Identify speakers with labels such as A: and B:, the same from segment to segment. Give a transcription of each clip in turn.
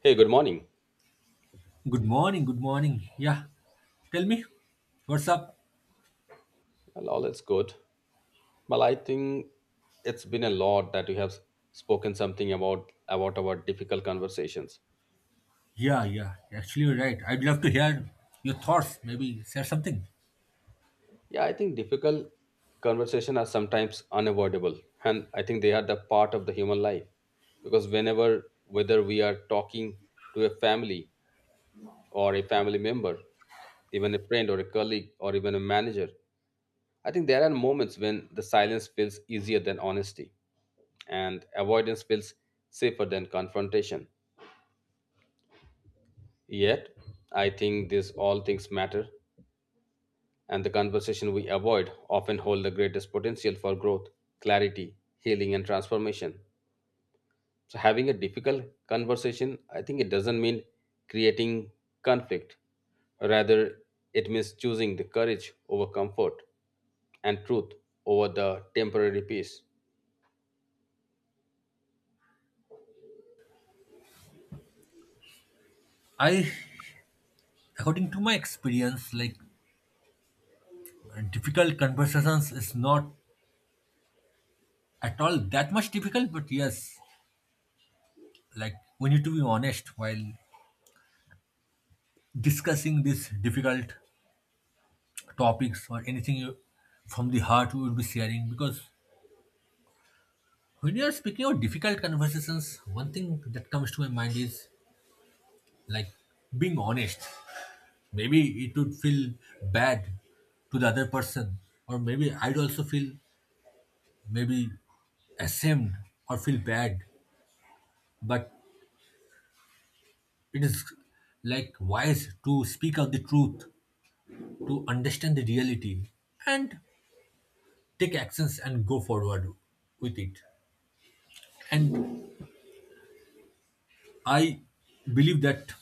A: Hey, good morning.
B: Good morning, good morning. Yeah, tell me, what's up?
A: Well, all is good. Well, I think it's been a lot that we have spoken something about our difficult conversations.
B: Yeah, yeah, actually, you're right. I'd love to hear your thoughts, maybe share something.
A: Yeah, I think difficult conversations are sometimes unavoidable, and I think they are the part of the human life because whenever whether we are talking to a family or a family member, even a friend or a colleague or even a manager, I think there are moments when the silence feels easier than honesty and avoidance feels safer than confrontation. Yet, I think these all things matter, and the conversation we avoid often hold the greatest potential for growth, clarity, healing, and transformation. So, having a difficult conversation, I think it doesn't mean creating conflict. Rather, it means choosing the courage over comfort and truth over the temporary peace.
B: I, According to my experience, like difficult conversations is not at all that much difficult, but yes, like we need to be honest while discussing these difficult topics or anything you, from the heart we would be sharing because when you are speaking of difficult conversations, one thing that comes to my mind is like being honest. Maybe it would feel bad to the other person, or maybe I'd also feel maybe ashamed or feel bad. But it is like wise to speak out the truth, to understand the reality, and take actions and go forward with it. And I believe that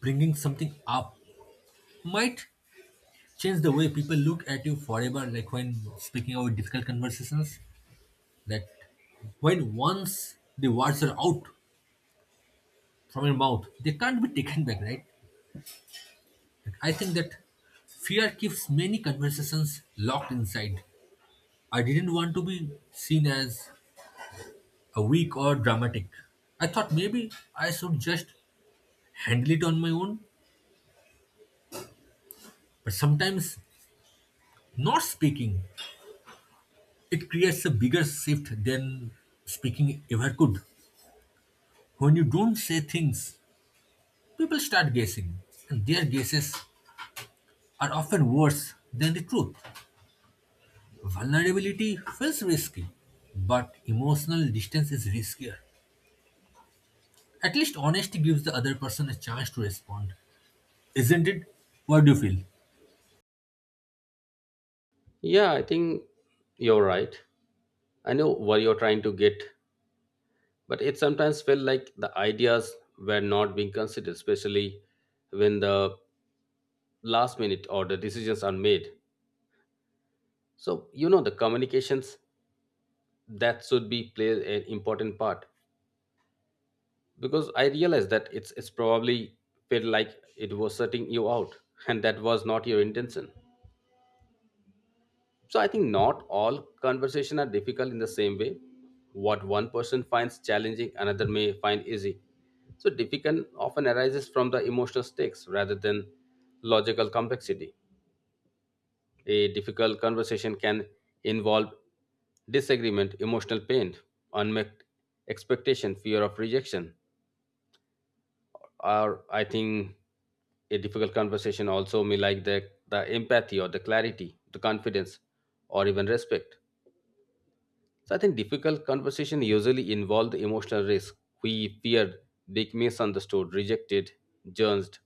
B: bringing something up might change the way people look at you forever, like when speaking about difficult conversations that when once the words are out from your mouth, they can't be taken back, right? Like, I think that fear keeps many conversations locked inside. I didn't want to be seen as a weak or dramatic. I thought maybe I should just handle it on my own, but sometimes not speaking it creates a bigger shift than speaking ever could. When you don't say things, people start guessing, and their guesses are often worse than the truth. Vulnerability feels risky, but emotional distance is riskier. At least honesty gives the other person a chance to respond, isn't it? What do you feel?
A: Yeah, I think you're right. I know what you're trying to get, but it sometimes felt like the ideas were not being considered, especially when the last minute or the decisions are made. So, you know, the communications that should be play an important part because I realized that it's probably felt like it was shutting you out, and that was not your intention. So I think not all conversations are difficult in the same way. What one person finds challenging, another may find easy. So difficult often arises from the emotional stakes rather than logical complexity. A difficult conversation can involve disagreement, emotional pain, unmet expectation, fear of rejection, or I think a difficult conversation also may like the empathy or the clarity, the confidence, or even respect. So I think difficult conversation usually involve the emotional risk. We fear being misunderstood, rejected, judged,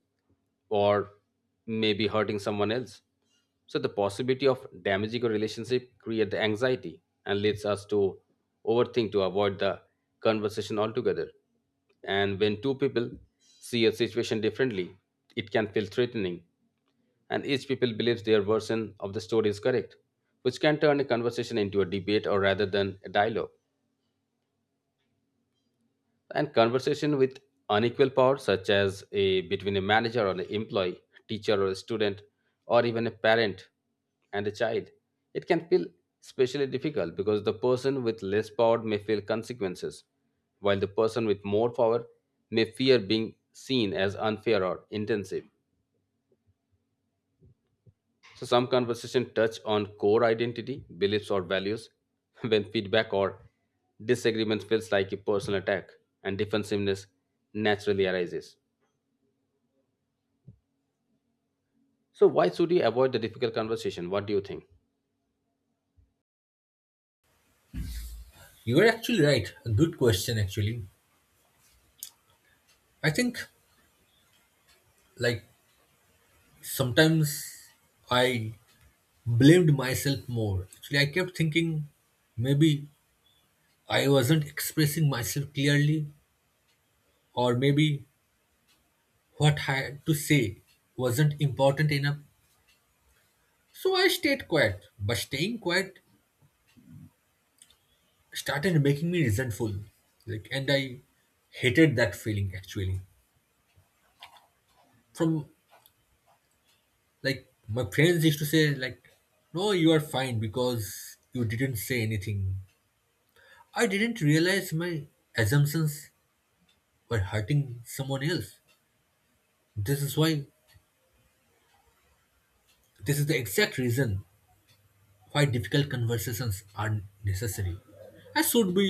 A: or maybe hurting someone else. So the possibility of damaging a relationship creates the anxiety and leads us to overthink to avoid the conversation altogether. And when two people see a situation differently, it can feel threatening, and each people believes their version of the story is correct, which can turn a conversation into a debate or rather than a dialogue. And conversation with unequal power, such as a between a manager or an employee, teacher or a student, or even a parent and a child, it can feel especially difficult because the person with less power may feel consequences, while the person with more power may fear being seen as unfair or intensive. So some conversation touch on core identity, beliefs or values. When feedback or disagreement feels like a personal attack, and defensiveness naturally arises. So why should you avoid the difficult conversation? What do you think?
B: You're actually right. A good question, actually. I think, like, sometimes I blamed myself more. Actually, I kept thinking maybe I wasn't expressing myself clearly, or maybe what I had to say wasn't important enough. So I stayed quiet. But staying quiet started making me resentful, like, and I hated that feeling actually. From, like, my friends used to say like, no, you are fine because you didn't say anything. I didn't realize my assumptions were hurting someone else. This is why, this is the exact reason why difficult conversations are necessary. I should be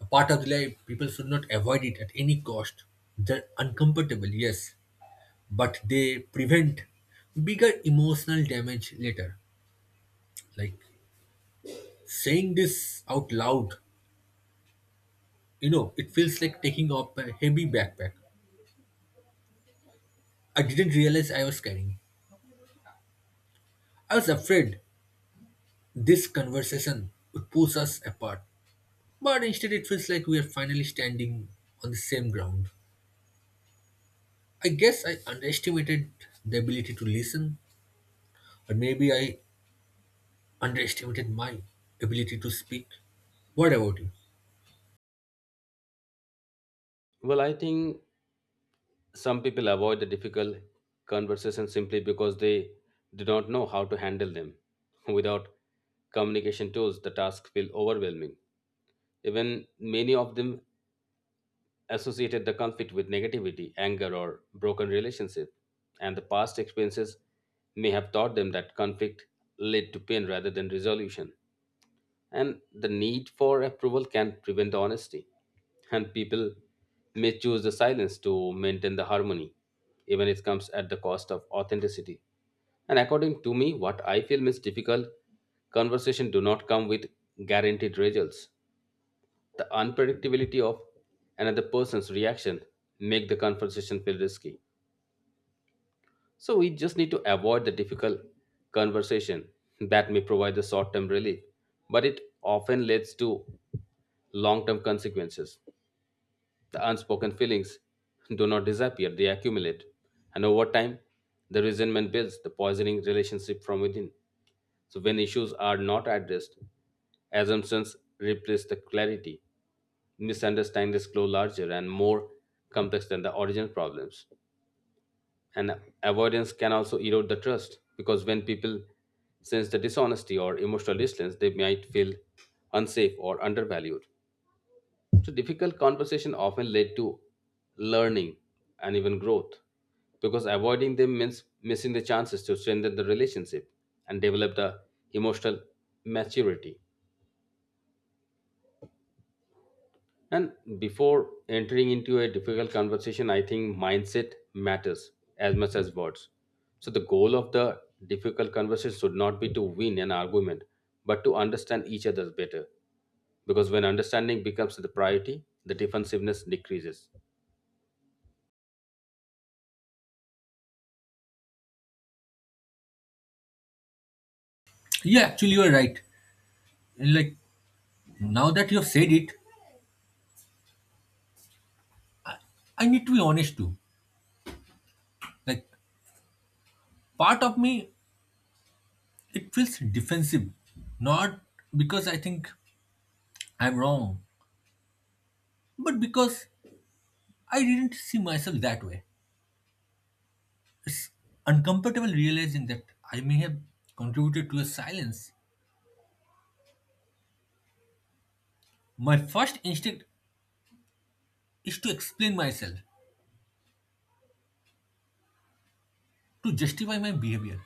B: a part of the life. People should not avoid it at any cost. They're uncomfortable, yes, but they prevent bigger emotional damage later. Like saying this out loud, it feels like taking off a heavy backpack I didn't realize I was carrying. I was afraid this conversation would push us apart, but instead it feels like we are finally standing on the same ground. I guess I underestimated the ability to listen, or maybe I underestimated my ability to speak. What about you?
A: Well, I think some people avoid the difficult conversation simply because they do not know how to handle them. Without communication tools, the task feel overwhelming. Even many of them associated the conflict with negativity, anger, or broken relationship, and the past experiences may have taught them that conflict led to pain rather than resolution. And the need for approval can prevent the honesty, and people may choose the silence to maintain the harmony, even if it comes at the cost of authenticity. And according to me, what I feel is difficult conversation do not come with guaranteed results. The unpredictability of another person's reaction make the conversation feel risky. So we just need to avoid the difficult conversation that may provide the short-term relief, but it often leads to long-term consequences. The unspoken feelings do not disappear, they accumulate. And over time, the resentment builds, the poisoning relationship from within. So when issues are not addressed, assumptions replace the clarity. Misunderstandings grow larger and more complex than the original problems. And avoidance can also erode the trust because when people sense the dishonesty or emotional distance, they might feel unsafe or undervalued. So difficult conversation often led to learning and even growth because avoiding them means missing the chances to strengthen the relationship and develop the emotional maturity. And before entering into a difficult conversation, I think mindset matters as much as words. So the goal of the difficult conversation should not be to win an argument, but to understand each other better. Because when understanding becomes the priority, the defensiveness decreases.
B: Yeah, actually, you are right. Like, now that you've said it, I need to be honest too. Like, part of me, it feels defensive. Not because I think I'm wrong, but because I didn't see myself that way. It's uncomfortable realizing that I may have contributed to a silence. My first instinct is to explain myself, to justify my behavior.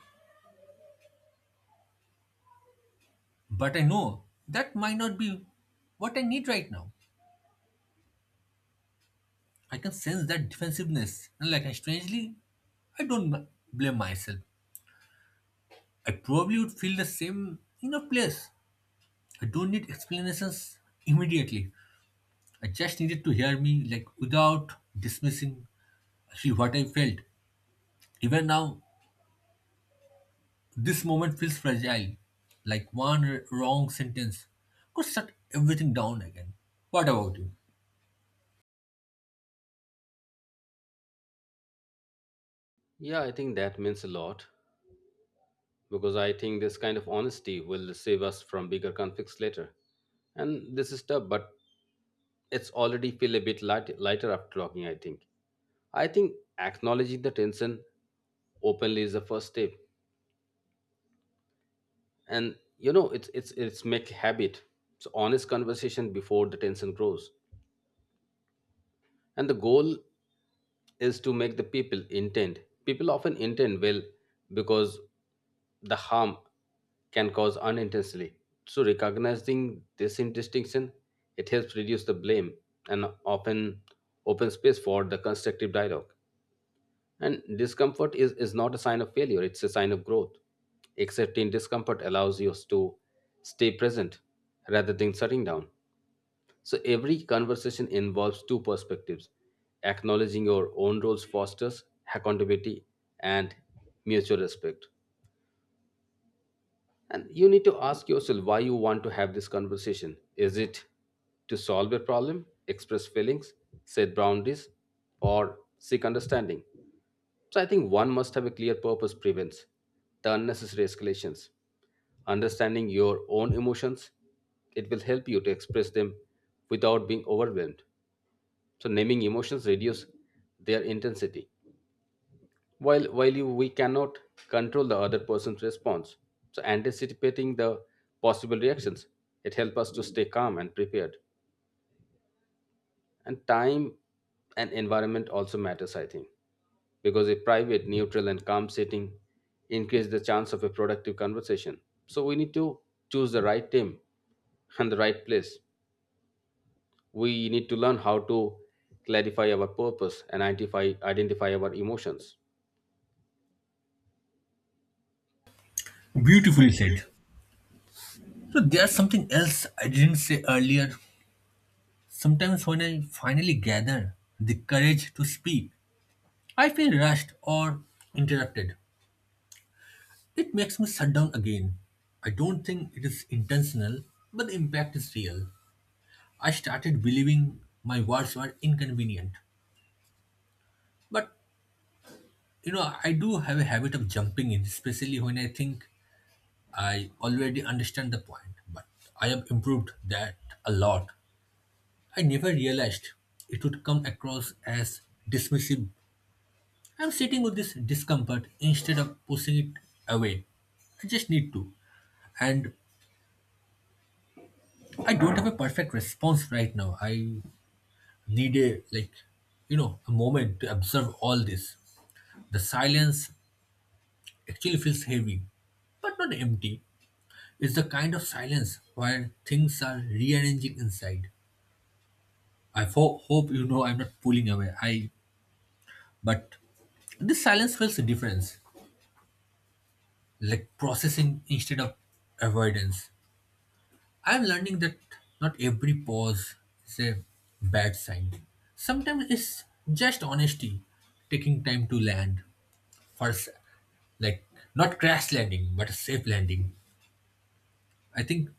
B: But I know that might not be what I need right now. I can sense that defensiveness, and, like, I strangely, I don't m- blame myself. I probably would feel the same in a place. I don't need explanations immediately. I just needed to hear me, like without dismissing actually what I felt. Even now, this moment feels fragile. Like one wrong sentence could shut everything down again. What about you?
A: Yeah, I think that means a lot because I think this kind of honesty will save us from bigger conflicts later. And this is tough, but it's already feel a bit lighter after talking, I think. I think acknowledging the tension openly is the first step. And you know, it's make habit. So honest conversation before the tension grows. And the goal is to make the people intent. People often intend well because the harm can cause unintentionally. So recognizing this distinction, it helps reduce the blame and often open space for the constructive dialogue. And discomfort is not a sign of failure, it's a sign of growth. Accepting discomfort allows you to stay present rather than shutting down. So every conversation involves two perspectives. Acknowledging your own roles fosters accountability and mutual respect. And you need to ask yourself why you want to have this conversation. Is it to solve a problem, express feelings, set boundaries, or seek understanding? So I think one must have a clear purpose prevents the unnecessary escalations. Understanding your own emotions, it will help you to express them without being overwhelmed. So naming emotions reduce their intensity. While we cannot control the other person's response, so anticipating the possible reactions, it helps us to stay calm and prepared. And time and environment also matters, I think, because a private, neutral, and calm setting increase the chance of a productive conversation. So we need to choose the right team and the right place. We need to learn how to clarify our purpose and identify our emotions.
B: Beautifully said. So there's something else I didn't say earlier. Sometimes when I finally gather the courage to speak, I feel rushed or interrupted. It makes me shut down again. I don't think it is intentional, but the impact is real. I started believing my words were inconvenient. But you know, I do have a habit of jumping in, especially when I think I already understand the point. But I have improved that a lot. I never realized it would come across as dismissive. I'm sitting with this discomfort instead of pushing it away. I just need to. And I don't have a perfect response right now. I need, a like, you know, a moment to observe all this. The silence actually feels heavy, but not empty. It's the kind of silence where things are rearranging inside. Hope you know I'm not pulling away. I, but this silence feels a difference, like processing instead of avoidance. I'm learning that not every pause is a bad sign. Sometimes it's just honesty, taking time to land first, like not crash landing, but a safe landing. I think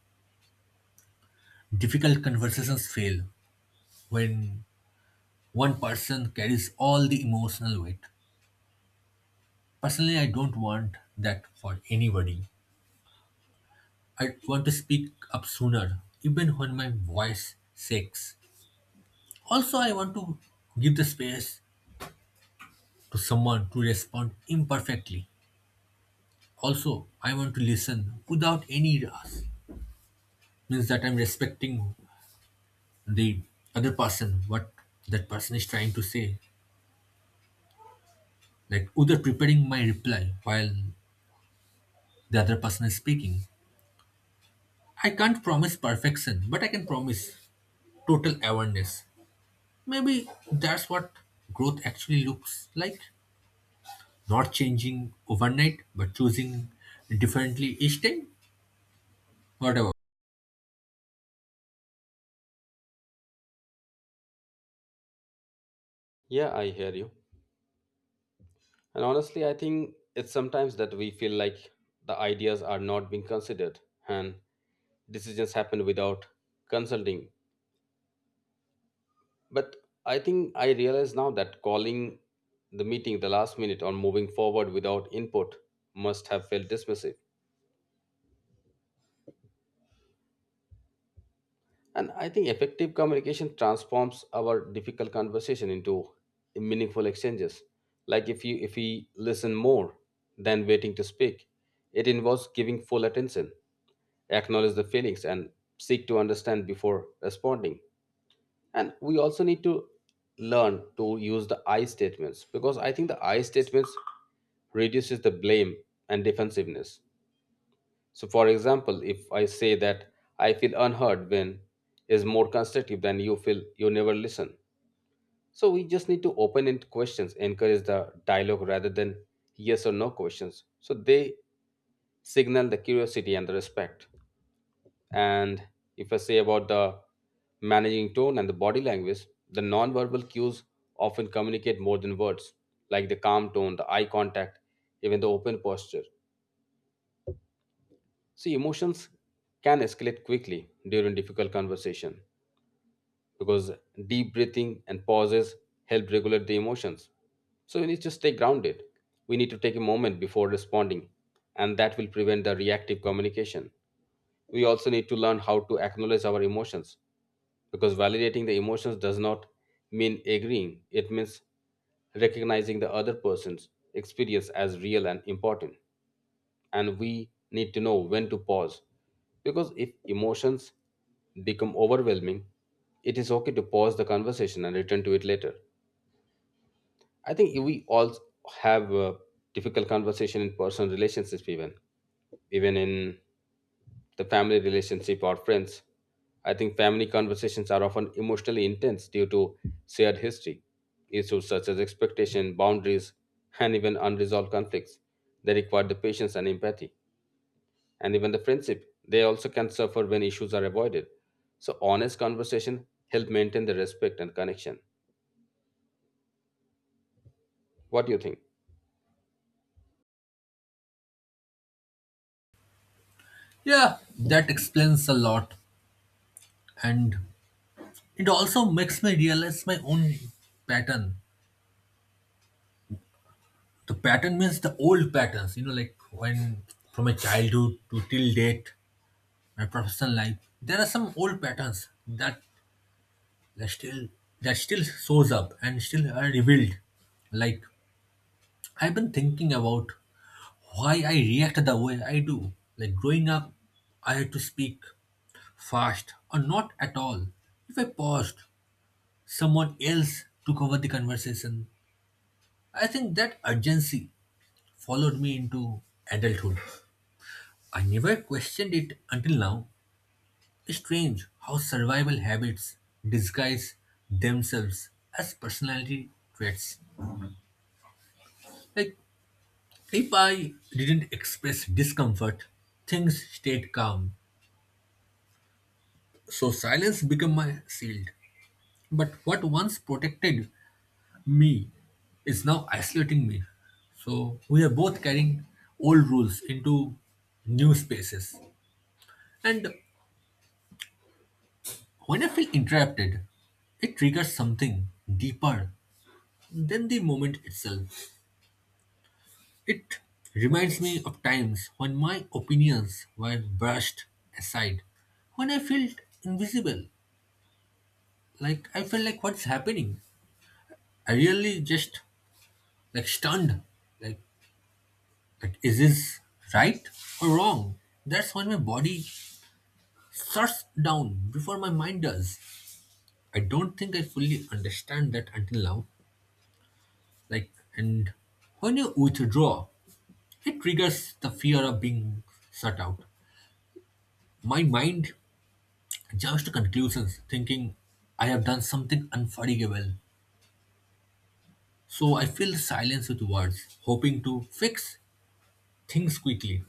B: difficult conversations fail when one person carries all the emotional weight. Personally, I don't want that for anybody. I want to speak up sooner, even when my voice shakes. Also, I want to give the space to someone to respond imperfectly. Also, I want to listen without any rush. Means that I'm respecting the other person, what that person is trying to say. Like without preparing my reply while the other person is speaking. I can't promise perfection, but I can promise total awareness. Maybe that's what growth actually looks like. Not changing overnight, but choosing differently each time. Whatever.
A: Yeah, I hear you. And honestly, I think it's sometimes that we feel like the ideas are not being considered and decisions happen without consulting. But I think I realize now that calling the meeting the last minute or moving forward without input must have felt dismissive. And I think effective communication transforms our difficult conversation into meaningful exchanges. Like if we listen more than waiting to speak, it involves giving full attention, acknowledge the feelings and seek to understand before responding. And we also need to learn to use the I statements because I think the I statements reduces the blame and defensiveness. So, for example, if I say that I feel unheard when is more constructive than you feel you never listen. So, we just need to open end questions, encourage the dialogue rather than yes or no questions. So, they signal the curiosity and the respect. And if I say about the managing tone and the body language, the nonverbal cues often communicate more than words, like the calm tone, the eye contact, even the open posture. See, emotions can escalate quickly during difficult conversation because deep breathing and pauses help regulate the emotions. So we need to stay grounded. We need to take a moment before responding, and that will prevent the reactive communication. We also need to learn how to acknowledge our emotions because validating the emotions does not mean agreeing, it means recognizing the other person's experience as real and important. And we need to know when to pause because if emotions become overwhelming, it is okay to pause the conversation and return to it later. I think we all have a difficult conversation in personal relationships, even in the family relationship or friends. I think family conversations are often emotionally intense due to shared history, issues such as expectation, boundaries, and even unresolved conflicts. They require the patience and empathy. And even the friendship, they also can suffer when issues are avoided. So honest conversation help maintain the respect and connection. What do you think?
B: Yeah, that explains a lot, and it also makes me realize my own pattern. The pattern means the old patterns, like, when from my childhood to till date, my professional life, there are some old patterns that, that still that still shows up and still are revealed. Like, I've been thinking about why I react the way I do. Like growing up, I had to speak fast or not at all. If I paused, someone else took over the conversation. I think that urgency followed me into adulthood. I never questioned it until now. Strange how survival habits disguise themselves as personality traits. Like, if I didn't express discomfort, things stayed calm. So silence became my shield. But what once protected me is now isolating me. So we are both carrying old rules into new spaces. And when I feel interrupted, it triggers something deeper than the moment itself. It reminds me of times when my opinions were brushed aside, when I felt invisible, like I felt like what's happening. I really just, like, stunned, like, like, is this right or wrong? That's when my body shuts down before my mind does. I don't think I fully understand that until now. Like, and when you withdraw, it triggers the fear of being shut out. My mind jumps to conclusions, thinking I have done something unforgivable. So I fill silence with words, hoping to fix things quickly.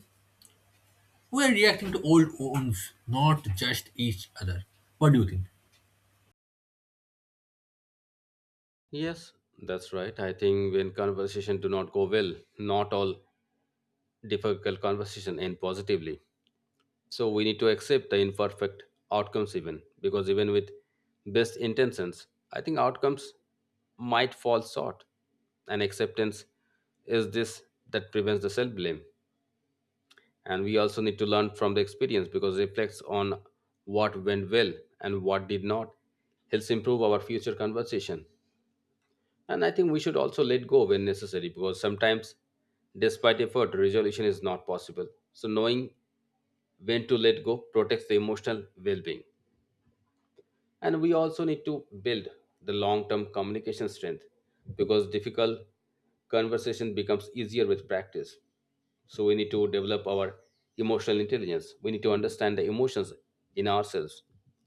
B: We are reacting to old wounds, not just each other. What do you think?
A: Yes, that's right. I think when conversation do not go well, not all difficult conversation end positively. So we need to accept the imperfect outcomes even, because even with best intentions, I think outcomes might fall short, and acceptance is this that prevents the self blame. And we also need to learn from the experience because it reflects on what went well and what did not, helps improve our future conversation. And I think we should also let go when necessary because sometimes, despite effort, resolution is not possible. So knowing when to let go protects the emotional well-being. And we also need to build the long term communication strength because difficult conversation becomes easier with practice. So we need to develop our emotional intelligence. We need to understand the emotions in ourselves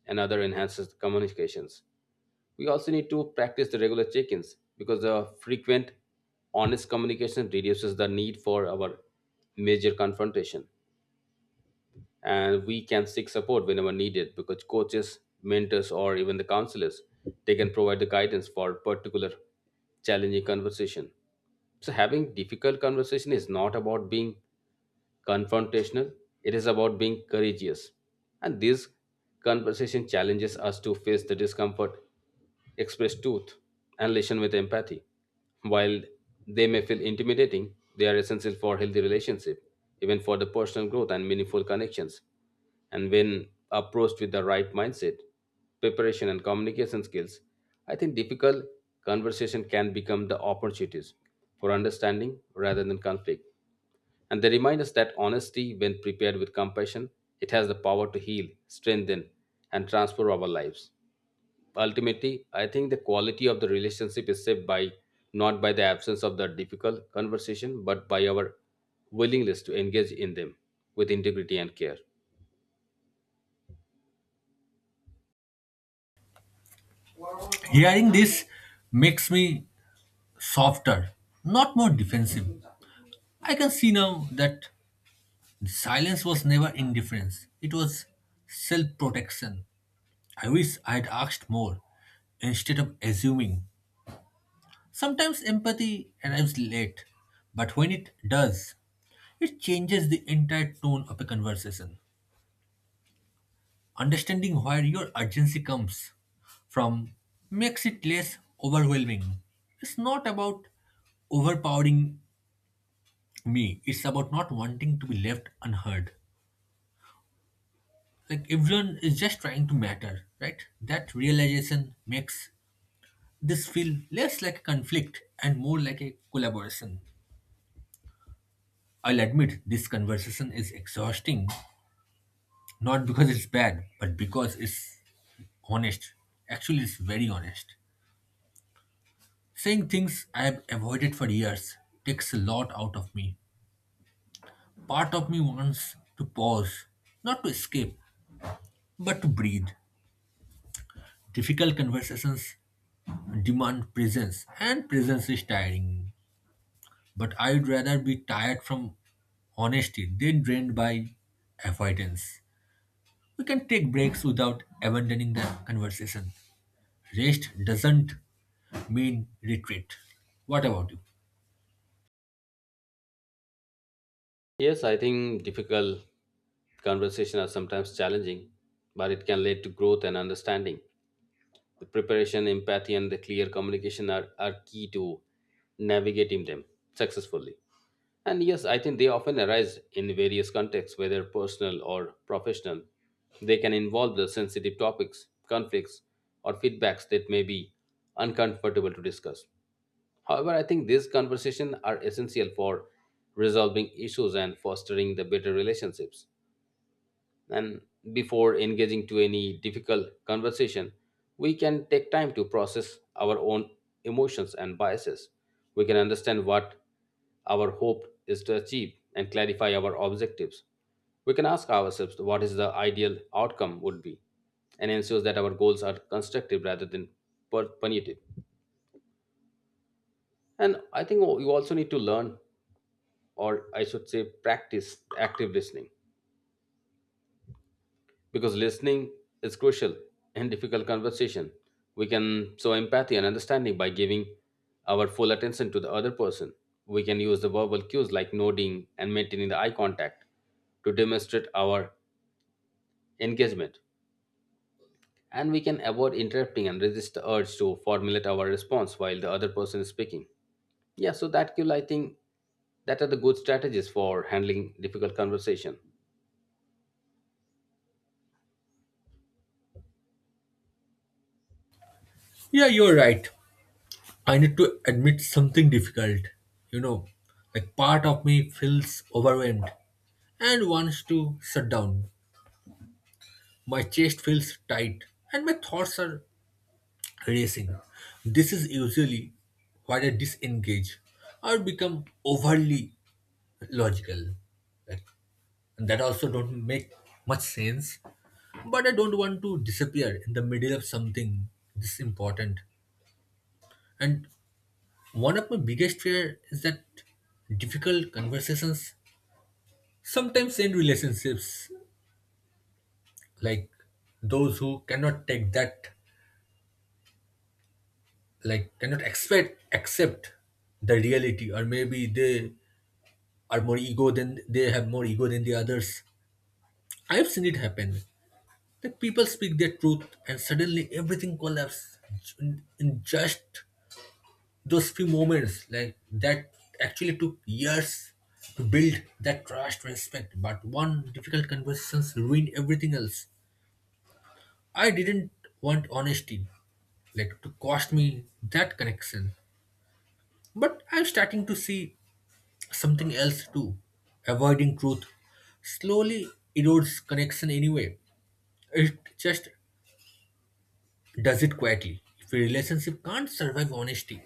A: and other enhances the communications. We also need to practice the regular check-ins because the frequent honest communication reduces the need for our major confrontation. And we can seek support whenever needed because coaches, mentors, or even the counselors, they can provide the guidance for particular challenging conversation. So having difficult conversation is not about being confrontational, it is about being courageous. And this conversation challenges us to face the discomfort, express truth, and listen with empathy. While they may feel intimidating, they are essential for healthy relationship, even for the personal growth and meaningful connections. And when approached with the right mindset, preparation, and communication skills, I think difficult conversation can become the opportunities for understanding rather than conflict. And they remind us that honesty, when prepared with compassion, it has the power to heal, strengthen, and transform our lives. Ultimately, I think the quality of the relationship is shaped by not by the absence of the difficult conversation, but by our willingness to engage in them with integrity and care.
B: Hearing this makes me softer, not more defensive. I can see now that silence was never indifference, it was self protection. I wish I had asked more instead of assuming. Sometimes empathy arrives late, but when it does, it changes the entire tone of a conversation. Understanding where your urgency comes from makes it less overwhelming. It's not about overpowering me, it's about not wanting to be left unheard. Like everyone is just trying to matter, right? That realization makes this feel less like a conflict and more like a collaboration. I'll admit this conversation is exhausting, not because it's bad, but because it's honest. Actually, it's very honest. Saying things I have avoided for years takes a lot out of me. Part of me wants to pause, not to escape, but to breathe. Difficult conversations demand presence, and presence is tiring. But I'd rather be tired from honesty than drained by avoidance. We can take breaks without abandoning the conversation. Rest doesn't mean retreat. What about you?
A: Yes, I think difficult conversations are sometimes challenging, but it can lead to growth and understanding. The preparation, empathy, and the clear communication are key to navigating them successfully. And yes, I think they often arise in various contexts, whether personal or professional. They can involve the sensitive topics, conflicts, or feedbacks that may be uncomfortable to discuss. However, I think these conversations are essential for resolving issues and fostering the better relationships. And before engaging to any difficult conversation, we can take time to process our own emotions and biases. We can understand what our hope is to achieve and clarify our objectives. We can ask ourselves what is the ideal outcome would be, and ensures that our goals are constructive rather than punitive. And I think you also need to learn, or I should say practice active listening, because listening is crucial in difficult conversation. We can show empathy and understanding by giving our full attention to the other person. We can use the verbal cues like nodding and maintaining the eye contact to demonstrate our engagement. And we can avoid interrupting and resist the urge to formulate our response while the other person is speaking. Yeah, so that cue, I think, that are the good strategies for handling difficult conversation.
B: Yeah, you're right. I need to admit something difficult. You know, like, part of me feels overwhelmed and wants to shut down. My chest feels tight and my thoughts are racing. This is usually where I disengage or become overly logical. Like, and that also don't make much sense. But I don't want to disappear in the middle of something this important. And one of my biggest fear is that difficult conversations sometimes end relationships, like those who cannot take that, like cannot expect accept the reality, or maybe they have more ego than the others. I have seen it happen. That people speak their truth and suddenly everything collapses in just those few moments. Like that actually took years to build that trust, respect. But one difficult conversations ruin everything else. I didn't want honesty, like, to cost me that connection. But I'm starting to see something else too. Avoiding truth slowly erodes connection anyway. It just does it quietly. If a relationship can't survive honesty,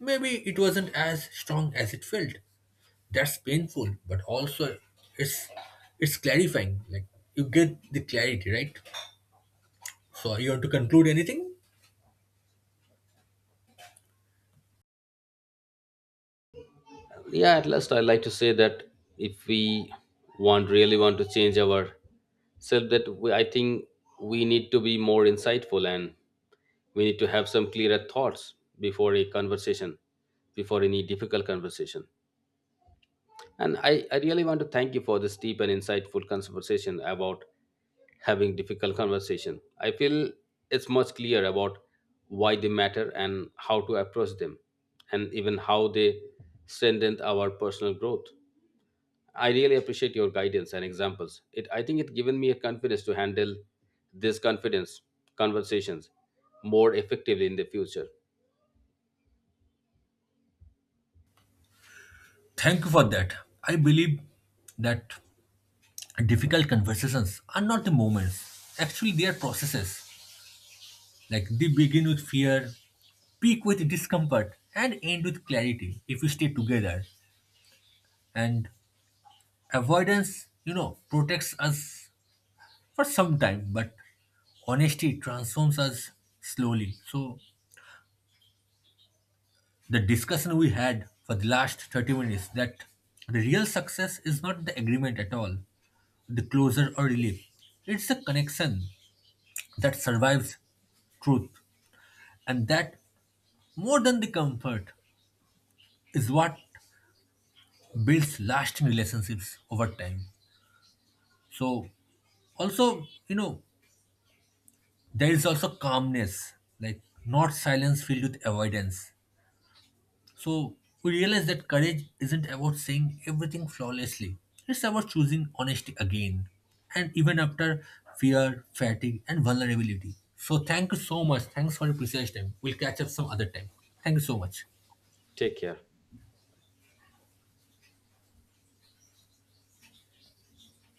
B: maybe it wasn't as strong as it felt. That's painful, but also it's it's clarifying. Like, you get the clarity, right? So you want to conclude anything?
A: Yeah, at last I like to say that if we want really want to change our self, I think we need to be more insightful, and we need to have some clearer thoughts before a conversation, before any difficult conversation. And I really want to thank you for this deep and insightful conversation about having difficult conversation. I feel it's much clear about why they matter and how to approach them, and even how they strengthen our personal growth. I really appreciate your guidance and examples. It I think it given me a confidence to handle this confidence conversations more effectively in the future.
B: Thank you for that. I believe that difficult conversations are not the moments. Actually, they are processes. Like, they begin with fear, peak with discomfort, and end with clarity if we stay together. And avoidance, protects us for some time, but honesty transforms us slowly. So the discussion we had for the last 30 minutes, that the real success is not the agreement at all, the closure or relief. It's the connection that survives truth. And that, more than the comfort, is what builds lasting relationships over time. So also, there is also calmness, like not silence filled with avoidance. So we realize that courage isn't about saying everything flawlessly. It's about choosing honesty again. And even after fear, fatigue, and vulnerability. So thank you so much. Thanks for your precious time. We'll catch up some other time. Thank you so much.
A: Take care.